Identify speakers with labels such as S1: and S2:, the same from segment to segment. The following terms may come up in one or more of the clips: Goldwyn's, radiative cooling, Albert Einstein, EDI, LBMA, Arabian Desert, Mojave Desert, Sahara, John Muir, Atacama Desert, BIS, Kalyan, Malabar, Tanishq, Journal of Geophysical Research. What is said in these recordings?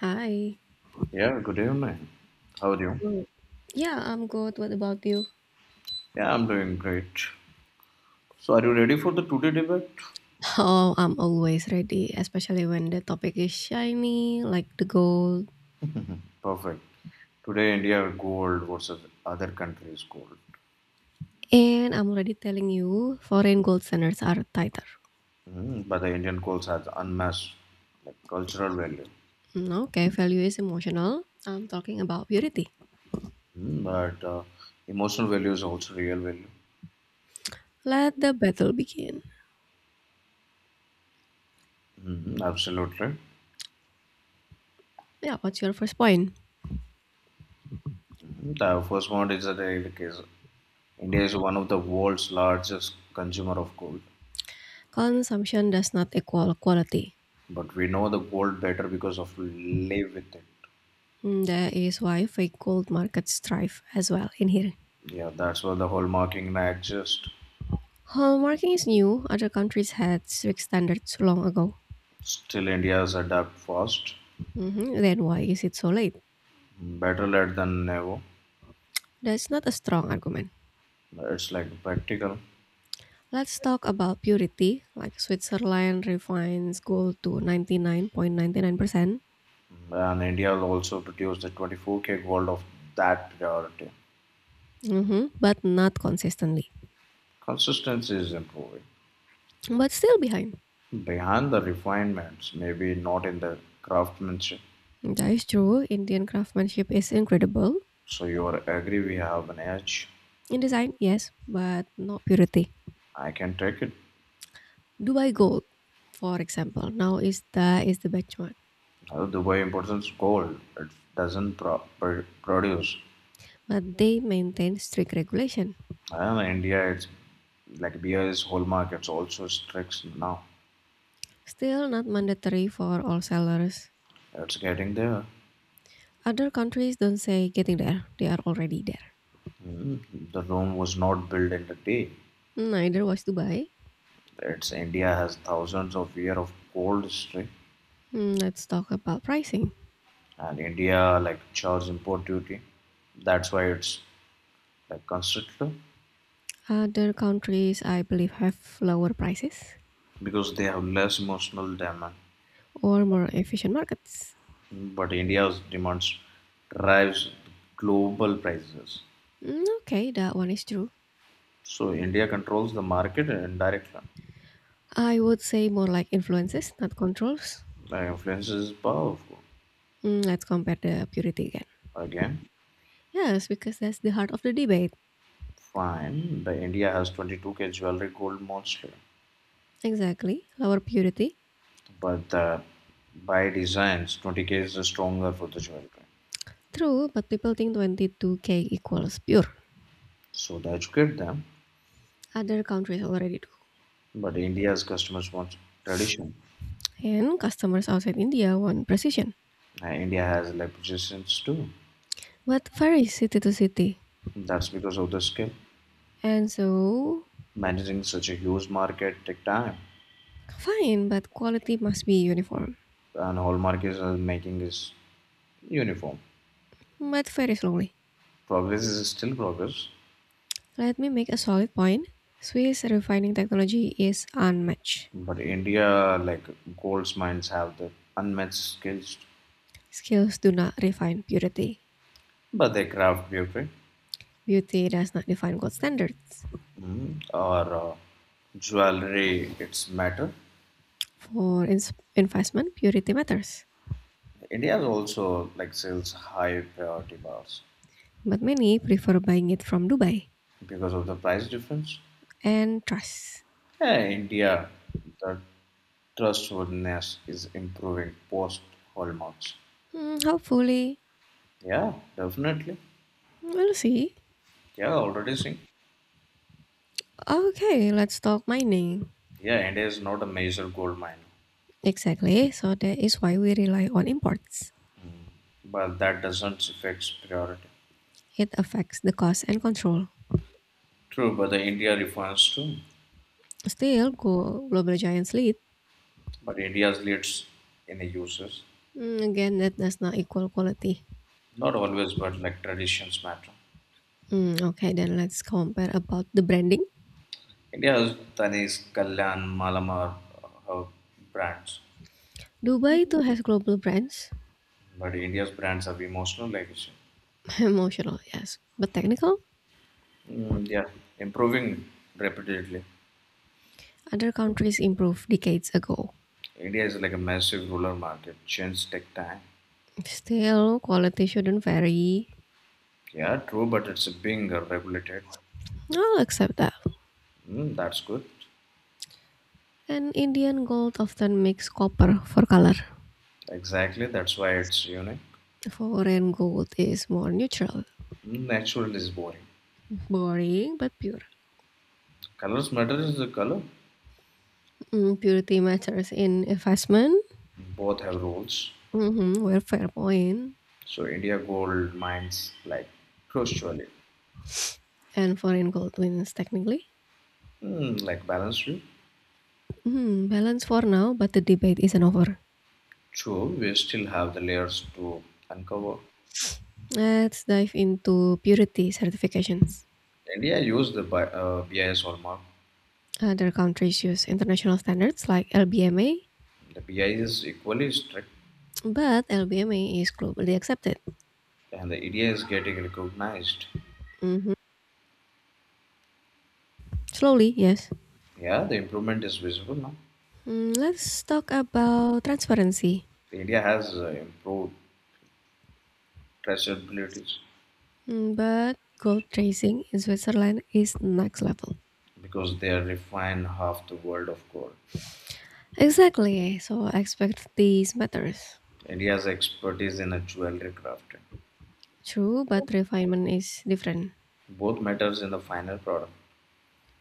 S1: Hi.
S2: Yeah, good evening. How are you?
S1: Good. Yeah, I'm good. What about you?
S2: Yeah, I'm doing great. So, are you ready for the today debate?
S1: Oh, I'm always ready, especially when the topic is shiny, like the gold.
S2: Perfect. Today, India gold versus other countries' gold.
S1: And I'm already telling you, foreign gold standards are tighter.
S2: But the Indian gold has unmatched, like, cultural value.
S1: Okay, value is emotional. I'm talking about purity.
S2: Mm, but Emotional value is also real value.
S1: Let the battle begin.
S2: Mm, absolutely.
S1: Yeah, what's your first point?
S2: The first one is that like, India is one of the world's largest consumer of gold,
S1: Consumption does not equal quality.
S2: but we know the gold better because of live with it.
S1: That is why fake gold markets thrive as well in here.
S2: Yeah, that's why the whole hallmarking act just
S1: Hallmarking is new. Other countries had strict standards long ago.
S2: still India's adapt fast.
S1: Mhm, Then why is it so late?
S2: Better late than never.
S1: That's not a strong argument.
S2: It's like practical.
S1: Let's talk about purity, like Switzerland refines gold to 99.99%.
S2: And India will also produce the 24K gold of that priority.
S1: Mhm, but not consistently,
S2: Consistency is improving.
S1: but still behind.
S2: Behind the refinements, maybe not in the craftsmanship.
S1: That is true, Indian craftsmanship is incredible.
S2: So you are agree we have an edge.
S1: In design, yes, but not purity.
S2: I can take it.
S1: Dubai gold, for example, now is the benchmark,
S2: Dubai imports gold. It doesn't produce.
S1: but they maintain strict regulation.
S2: I don't know, India, it's like beer is whole markets also strict now.
S1: Still not mandatory for all sellers.
S2: It's getting there.
S1: Other countries don't say getting there, they are already there.
S2: The Rome was not built in a day.
S1: Neither was Dubai.
S2: It's India has thousands of year of cold history,
S1: Hmm, let's talk about pricing.
S2: and India like charge import duty. That's why it's like considered
S1: Other countries, I believe, have lower prices
S2: because they have less emotional demand.
S1: or more efficient markets.
S2: But India's demands drives global prices.
S1: Hmm, okay, that one is true.
S2: So India controls the market indirectly.
S1: I would say more like influences, not controls.
S2: Influences powerful
S1: Hmm, let's compare the purity again.
S2: again.
S1: Yes, because that's the heart of the debate.
S2: Fine, the India has 22K jewelry gold mostly,
S1: Exactly, lower purity.
S2: but by designs, 20K is stronger for the jewelry.
S1: True, but people think 22k equals pure.
S2: So they educate them,
S1: Other countries already do.
S2: but India's customers want tradition.
S1: And customers outside India want precision.
S2: India has legislations too.
S1: But varies city to city.
S2: That's because of the skill.
S1: And so,
S2: Managing such a huge market take time,
S1: fine, but quality must be uniform,
S2: and hallmark is making is uniform.
S1: but very slowly.
S2: Progress is still progress,
S1: Let me make a solid point. Swiss refining technology is unmatched.
S2: but India like gold's mines have the unmatched skills,
S1: Skills do not refine purity.
S2: but they craft beauty.
S1: Beauty does not define gold standards.
S2: Mhm. Or jewelry it's matter.
S1: For investment, purity matters.
S2: India also like sells high priority bars
S1: But many prefer buying it from Dubai.
S2: because of the price difference.
S1: And trust.
S2: Yeah, India, the trustworthiness is improving post hallmarks.
S1: Hmm, hopefully,
S2: Yeah. Definitely.
S1: we'll see.
S2: Yeah, already seeing.
S1: Okay, let's talk mining.
S2: Yeah, India is not a major gold mine,
S1: Exactly, so that is why we rely on imports.
S2: but that doesn't affect priority.
S1: It affects the cost and control.
S2: True, but the India refines too.
S1: Still, global giants lead.
S2: But India's leads in the uses.
S1: Again, that does not equal quality.
S2: Not always, but like traditions matter.
S1: Okay, then let's compare about the branding.
S2: India's Tanishq, Kalyan, Malabar are brands,
S1: Dubai too has global brands.
S2: but India's brands have emotional legacy.
S1: Emotional, yes. But technical,
S2: Yeah, improving repeatedly.
S1: other countries improved decades ago.
S2: India is like a massive rural market. Change take time.
S1: Still, quality shouldn't vary.
S2: Yeah, true, but it's being regulated.
S1: I'll accept that.
S2: Mm, that's good.
S1: And Indian gold often makes copper for color.
S2: Exactly, that's why it's unique.
S1: Foreign gold is more neutral,
S2: Natural is boring.
S1: boring but pure.
S2: Colors matter is the color.
S1: Purity matters in investment.
S2: Both have roles.
S1: Mm-hmm, we're Fairpoint
S2: So India Gold mines like crucially,
S1: and foreign gold wins technically.
S2: like balance view.
S1: Hmm, balance for now, but the debate isn't over.
S2: True, we still have the layers to uncover.
S1: Let's dive into purity certifications.
S2: India use the BIS hallmark.
S1: Other countries use international standards like LBMA,
S2: The BIS is equally strict,
S1: but LBMA is globally accepted.
S2: and the EDI is getting recognized.
S1: Hmm, slowly, yes.
S2: Yeah, the improvement is visible now.
S1: Hmm, let's talk about transparency.
S2: India has improved traceabilities
S1: Hmm, but gold tracing in Switzerland is next level.
S2: because they refine half the world of gold.
S1: Exactly, so expect these matters.
S2: India's expertise in a jewelry crafting
S1: True, but refinement is different.
S2: both matters in the final product.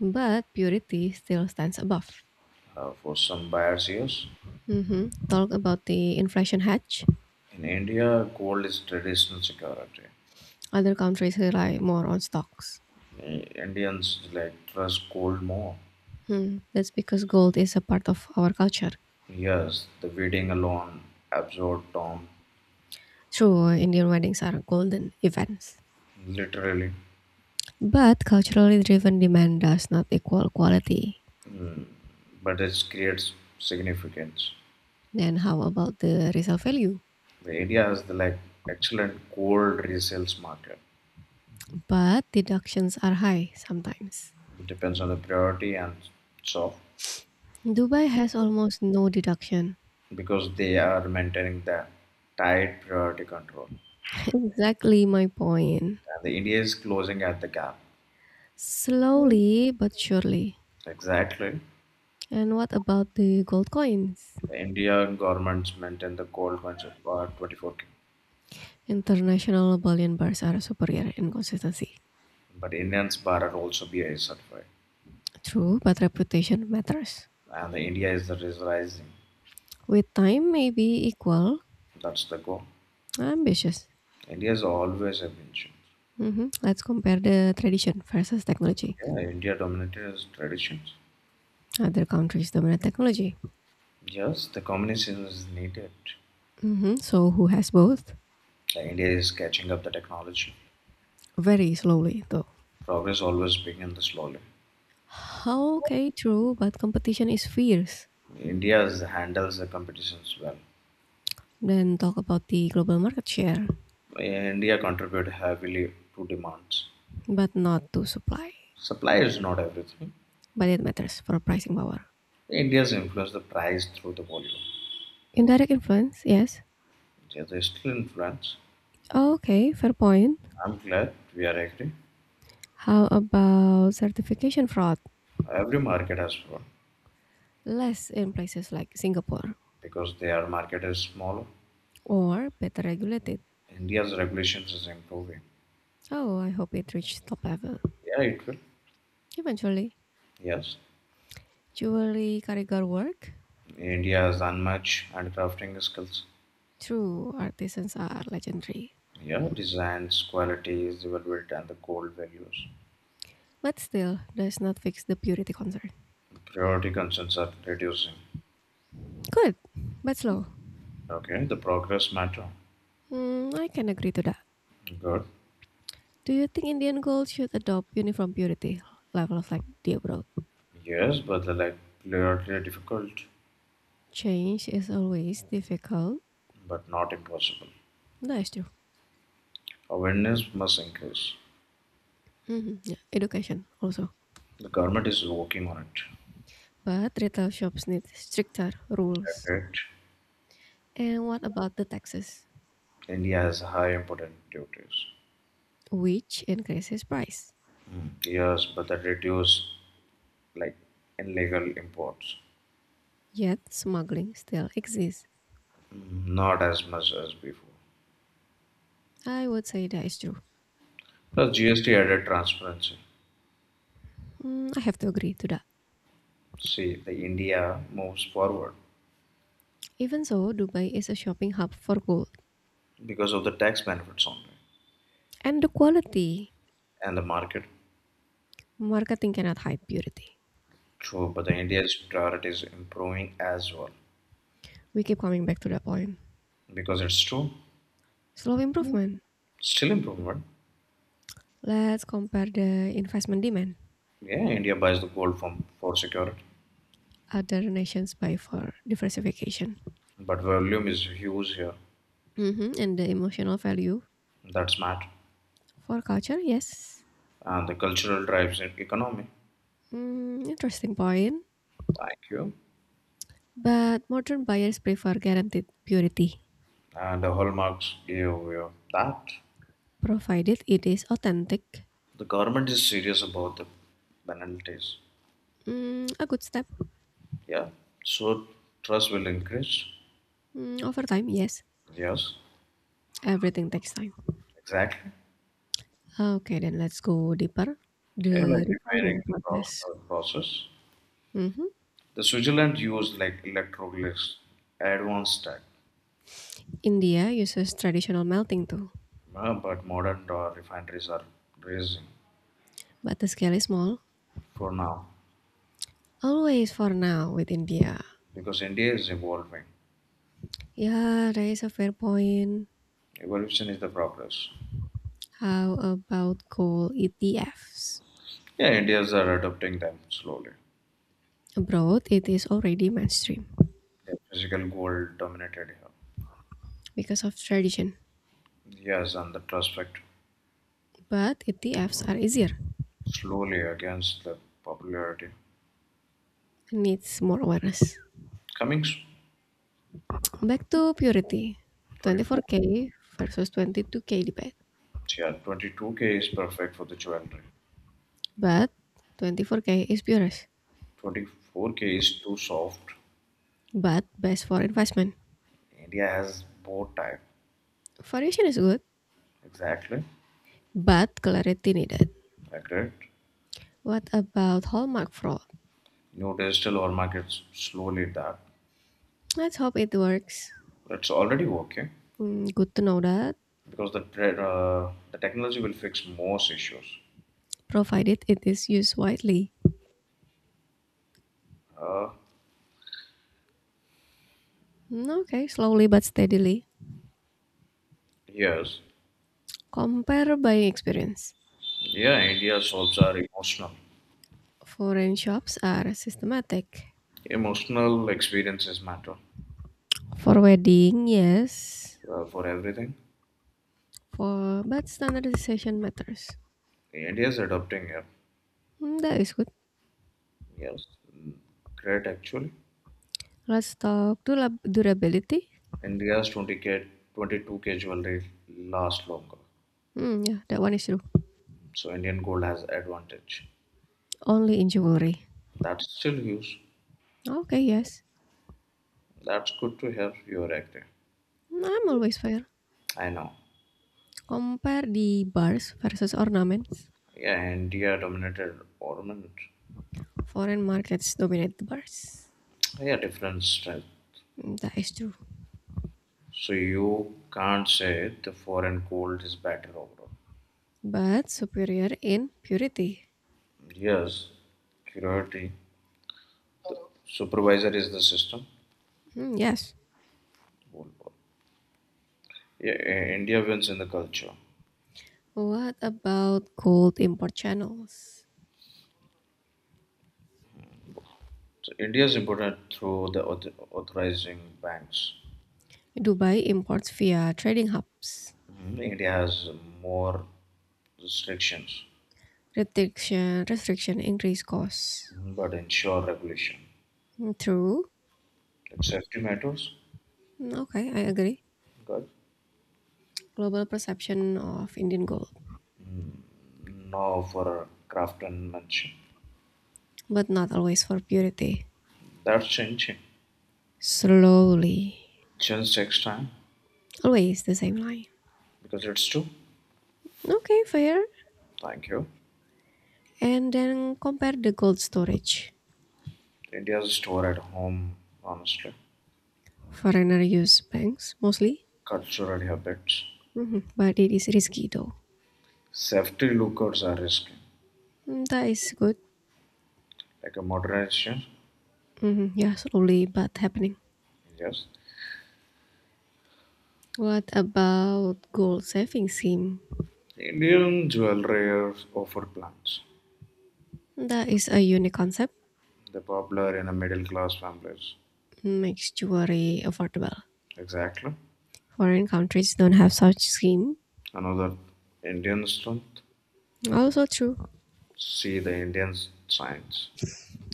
S1: But purity still stands above.
S2: For some buyers, yes.
S1: Mhm. Talk about the inflation hedge.
S2: In India, gold is traditional security.
S1: Other countries rely more on stocks.
S2: Indians like trust cold more.
S1: Hmm. That's because gold is a part of our culture.
S2: Yes, the waiting alone absorbs Tom
S1: True, Indian weddings are golden events.
S2: literally,
S1: But culturally driven demand does not equal quality.
S2: but it creates significance.
S1: Then how about the resale value?
S2: The area has the like excellent cold resales market.
S1: But deductions are high sometimes.
S2: Depends on the priority and so
S1: Dubai has almost no deduction.
S2: because they are maintaining the tight priority control.
S1: Exactly my point.
S2: And the India is closing at the gap.
S1: Slowly but surely,
S2: Exactly.
S1: and what about the gold coins?
S2: The Indian governments maintain the cold coins of 24K.
S1: International bullion bars are superior in consistency.
S2: But Indians bar are also BIS certified.
S1: True, but reputation matters.
S2: And the India is rising.
S1: With time, maybe equal.
S2: That's the goal.
S1: Ambitious.
S2: India is always evolution.
S1: Mhm. Let's compare the tradition versus technology.
S2: Yeah, India dominated its traditions.
S1: Other countries dominate technology.
S2: Yes, the combination is needed.
S1: Mhm. So who has both?
S2: The India is catching up the technology.
S1: Very slowly, though.
S2: Progress always begins slowly.
S1: Okay, true, but competition is fierce.
S2: India handles the competitions well.
S1: Then talk about the global market share,
S2: India contribute heavily to demands.
S1: but not to supply.
S2: Supply is not everything.
S1: But it matters for pricing power.
S2: India's influence the price through the volume.
S1: Indirect influence, yes,
S2: Yeah, they still influence.
S1: okay, fair point.
S2: I'm glad we are agree.
S1: How about certification fraud?
S2: Every market has one.
S1: Less in places like Singapore
S2: Because their market is small,
S1: or better regulated.
S2: India's regulations is improving.
S1: Oh, I hope it reaches top level.
S2: Yeah, it will.
S1: Eventually,
S2: Yes.
S1: jewelry karugar work?
S2: India has unmatched handcrafting skills.
S1: True, artisans are legendary.
S2: Yeah, designs, qualities, they will and the gold values.
S1: But still, does not fix the purity concern.
S2: Priority concerns are reducing.
S1: Good, but slow.
S2: Okay, the progress matter.
S1: Hmm, I can agree to that.
S2: Good.
S1: Do you think Indian gold should adopt uniform purity levels like the abroad?
S2: Yes, but the like priority are difficult,
S1: Change is always difficult.
S2: but not impossible.
S1: That is true.
S2: Awareness must increase.
S1: Mhm, yeah. Education also.
S2: The government is working on it.
S1: But retail shops need stricter rules.
S2: Correct.
S1: And what about the taxes?
S2: India has high important duties.
S1: Which increases price.
S2: Yes, but the reduce like illegal imports.
S1: Yet smuggling still exists.
S2: Not as much as before.
S1: I would say that is true.
S2: Plus, GST added transparency.
S1: I have to agree to that.
S2: See, the India moves forward
S1: Even so, Dubai is a shopping hub for gold.
S2: because of the tax benefits only
S1: And the quality.
S2: and the market.
S1: Marketing cannot hide beauty.
S2: True, but the India's priority is improving as well
S1: We keep coming back to that point.
S2: because it's true,
S1: Slow improvement.
S2: still improvement.
S1: Let's compare the investment demand.
S2: Yeah, India buys the gold from for security,
S1: Other nations buy for diversification.
S2: but volume is huge here.
S1: Mhm, and the emotional value
S2: That's matter,
S1: for culture, yes.
S2: and the cultural drives in economy.
S1: Interesting point.
S2: Thank you,
S1: But modern buyers prefer guaranteed purity,
S2: and the hallmarks give you that.
S1: provided it is authentic.
S2: The government is serious about the penalties.
S1: A good step.
S2: Yeah. So trust will increase.
S1: Over time, yes.
S2: Yes.
S1: Everything takes time.
S2: Exactly.
S1: Okay, then let's go deeper.
S2: They're
S1: The
S2: like refining
S1: refining
S2: the
S1: process.
S2: process.
S1: Mhm.
S2: The Switzerland used like electroglyphs, advanced tech,
S1: India uses traditional melting too,
S2: but modern refineries are raising
S1: but the scale is small.
S2: for now
S1: Always for now with India.
S2: because India is evolving.
S1: Yeah, that is a fair point.
S2: Evolution is the progress.
S1: How about coal ETFs?
S2: Yeah, Indians are adopting them slowly.
S1: Abroad, it is already mainstream
S2: The physical gold dominated here.
S1: because of tradition.
S2: Yes, and the trust factor.
S1: But ETFs are easier
S2: Slowly against the popularity.
S1: and needs more awareness.
S2: Cummings,
S1: Back to purity.
S2: 24.
S1: 24K versus 22K debate.
S2: Yeah, 22K is perfect for the jewelry.
S1: But 24K is purest.
S2: 24K is too soft.
S1: But best for investment.
S2: India has both type.
S1: Variation is good,
S2: Exactly.
S1: but clarity needed.
S2: Agreed.
S1: What about hallmark fraud?
S2: New digital or markets slowly that.
S1: Let's hope it works.
S2: It's already working
S1: Hmm, good to know that,
S2: because the the technology will fix most issues.
S1: provided it is used widely.
S2: Uh,
S1: Hmm, okay, slowly but steadily.
S2: yes.
S1: Compare buying experience.
S2: Yeah, India solves are emotional.
S1: Foreign shops are systematic.
S2: Emotional experiences matter
S1: For wedding, yes.
S2: for everything.
S1: For but standardization matters.
S2: India is adopting it.
S1: That is good.
S2: Yes, mm, great actually.
S1: Let's talk durability.
S2: India's 20K K, 22K K jewelry lasts longer,
S1: Hmm, yeah, that one is true.
S2: so Indian gold has advantage.
S1: Only in jewelry.
S2: That's still huge.
S1: Okay, yes.
S2: That's good to hear. You're active.
S1: Mm, I'm always fair.
S2: I know.
S1: Compare the bars versus ornaments.
S2: Yeah, India dominated ornament.
S1: Foreign markets dominate the bars.
S2: Yeah, different strength.
S1: That is true.
S2: So you can't say the foreign gold is better overall.
S1: But superior in purity.
S2: Yes, curiosity. The supervisor is the system.
S1: Hmm, yes.
S2: Gold ball. Yeah, India wins in the culture.
S1: What about gold import channels?
S2: So India is imported through the authorizing banks.
S1: Dubai imports via trading hubs.
S2: Mhm. India has more restrictions.
S1: Restriction increase costs.
S2: Mhm, but ensure regulation.
S1: Mm, true,
S2: Like safety matters,
S1: Okay, I agree.
S2: good.
S1: Global perception of Indian gold,
S2: No for craftsmanship.
S1: but not always for purity.
S2: That's changing.
S1: Slowly.
S2: Change takes time
S1: Always the same line.
S2: because it's true.
S1: Okay, fair.
S2: Thank you.
S1: And then compare the gold storage.
S2: India's store at home, honestly.
S1: Foreigner use banks mostly,
S2: Cultural habits.
S1: mhm, but it is risky though.
S2: Safety lookouts are risky.
S1: That is good.
S2: Like a modernization,
S1: Mhm, yeah, slowly but happening.
S2: yes.
S1: What about gold saving scheme?
S2: Indian jewelry offer plans.
S1: That is a unique concept.
S2: The popular in a middle class families.
S1: Makes jewelry affordable.
S2: Exactly.
S1: Foreign countries don't have such scheme.
S2: Another Indian strength.
S1: Also true.
S2: See the Indian science.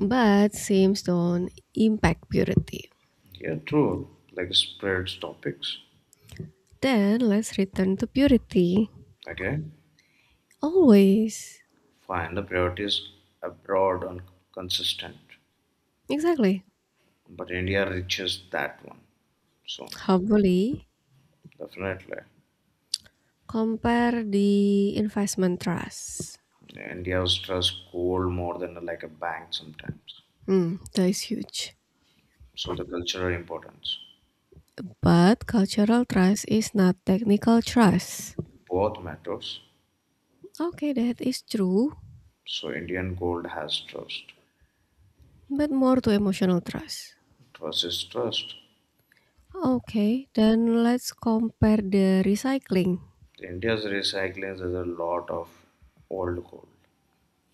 S1: But seems don't impact purity.
S2: Yeah, true. Like spreads topics.
S1: Then let's return to purity.
S2: Again,
S1: Always.
S2: find the priorities abroad and consistent.
S1: Exactly.
S2: But India reaches that one. So
S1: Hopefully,
S2: definitely,
S1: compare the investment trust.
S2: India's trust gold more than like a bank sometimes.
S1: Hmm, that is huge.
S2: So the cultural importance
S1: But cultural trust is not technical trust.
S2: both matters.
S1: Okay, that is true,
S2: So Indian gold has trust.
S1: but more to emotional trust.
S2: Trust is trust.
S1: Okay, then let's compare the recycling.
S2: India's recycling there's a lot of old coal.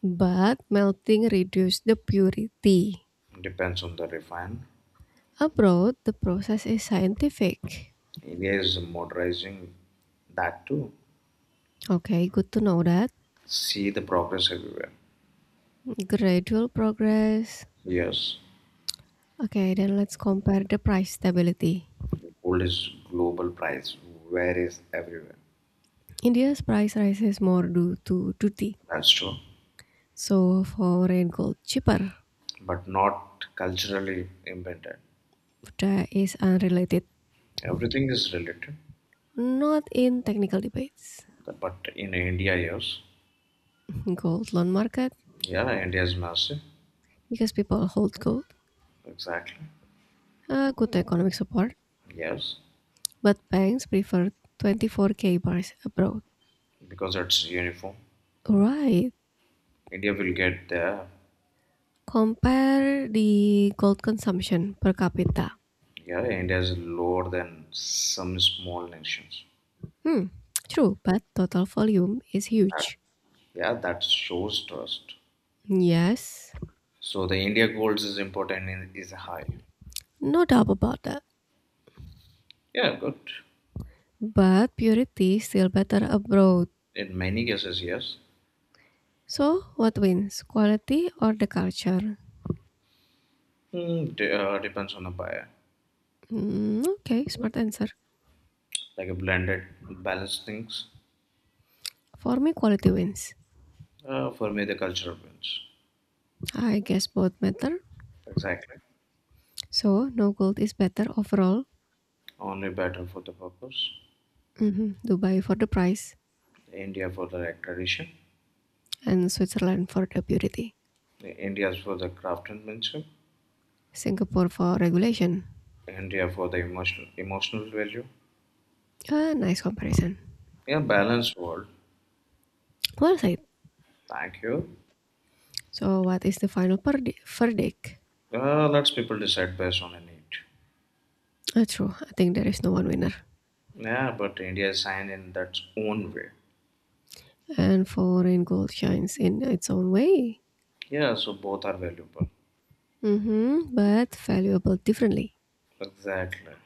S1: But melting reduce the purity.
S2: Depends on the refine.
S1: Abroad, the process is scientific.
S2: India is modernizing that too.
S1: Okay, good to know that.
S2: See the progress everywhere.
S1: Gradual progress.
S2: Yes,
S1: Okay, then let's compare the price stability.
S2: gold is global price. Where is everywhere?
S1: India's price rises more due to duty.
S2: That's true,
S1: So foreign gold cheaper.
S2: but not culturally embedded.
S1: That is unrelated.
S2: Everything is related,
S1: Not in technical debates.
S2: but in India, yes.
S1: Gold loan market
S2: Yeah, India is massive.
S1: because people hold gold.
S2: Exactly.
S1: Good economic support.
S2: Yes,
S1: But banks prefer 24k bars abroad.
S2: because it's uniform.
S1: Right.
S2: India will get there.
S1: Compare the gold consumption per capita.
S2: Yeah, India is lower than some small nations.
S1: Hmm, true, but total volume is
S2: That-
S1: huge.
S2: Yeah, that shows trust.
S1: Yes,
S2: So the India goals is important and is high.
S1: no doubt about that.
S2: Yeah, good.
S1: But purity is still better abroad.
S2: In many cases, yes.
S1: So, what wins, quality or the culture?
S2: Depends on the buyer.
S1: Okay, smart answer.
S2: Like a blended, balanced things.
S1: For me, quality wins.
S2: For me, the culture wins.
S1: I guess both matter.
S2: Exactly.
S1: So, no gold is better overall.
S2: Only better for the purpose.
S1: Mhm, Dubai for the price,
S2: India for the right tradition.
S1: and Switzerland for the purity.
S2: India for the craftsmanship.
S1: Singapore for regulation.
S2: India for the emotional value.
S1: Ah, nice comparison.
S2: Yeah, balanced world.
S1: Well said.
S2: Thank you.
S1: So, what is the final verdict?
S2: Lots people decide based on a need.
S1: That's true. I think there is no one winner.
S2: Yeah, but India is sane in its own way.
S1: And foreign gold shines in its own way,
S2: Yeah, so both are valuable.
S1: hmm but valuable differently.
S2: Exactly.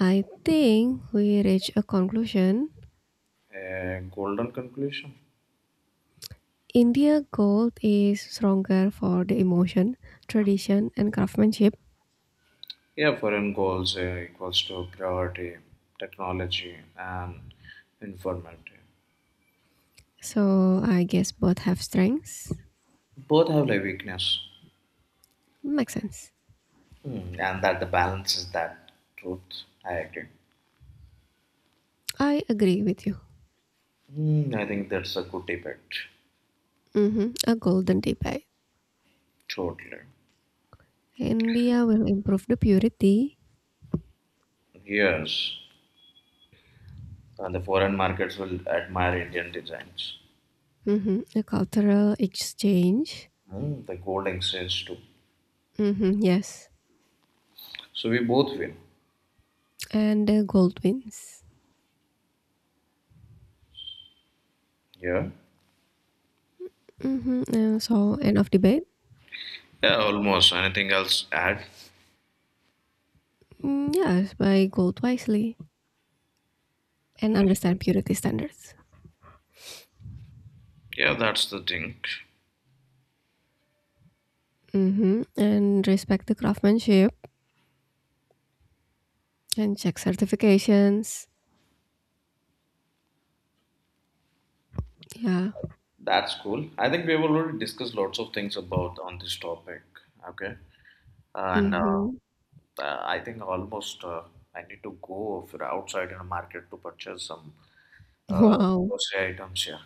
S1: I think we reach a conclusion.
S2: A golden conclusion.
S1: India gold is stronger for the emotion, tradition, and craftsmanship.
S2: Yeah, foreign goals equals to priority, technology, and informality.
S1: So I guess both have strengths.
S2: Both have their weakness.
S1: Makes sense.
S2: And that the balance is that truth. I agree.
S1: I agree with you.
S2: I think that's a good debate.
S1: Hmm, a golden debate.
S2: Totally.
S1: India will improve the purity,
S2: Yes, and the foreign markets will admire Indian designs.
S1: hmm a cultural exchange.
S2: The Golding exchange too.
S1: Hmm, yes,
S2: So we both win.
S1: and the Goldwyn's.
S2: Yeah.
S1: Hmm, so, end of debate.
S2: Yeah, almost. Anything else add?
S1: Mm, yes, buy gold wisely and understand purity standards.
S2: Yeah, that's the thing.
S1: Hmm, and respect the craftsmanship and check certifications. Yeah.
S2: That's cool. I think we have already discussed lots of things about on this topic. Okay. And
S1: Hmm.
S2: I think almost, I need to go for outside in a market to purchase some uh,
S1: Wow.
S2: grocery items. Yeah.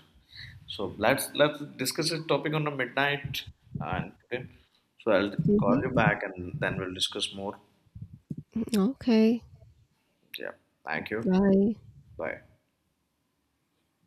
S2: So let's discuss this topic on the midnight and today. So I'll call you
S1: Hmm.
S2: back and then we'll discuss more.
S1: Okay.
S2: Yeah. Thank you.
S1: Bye.
S2: Bye.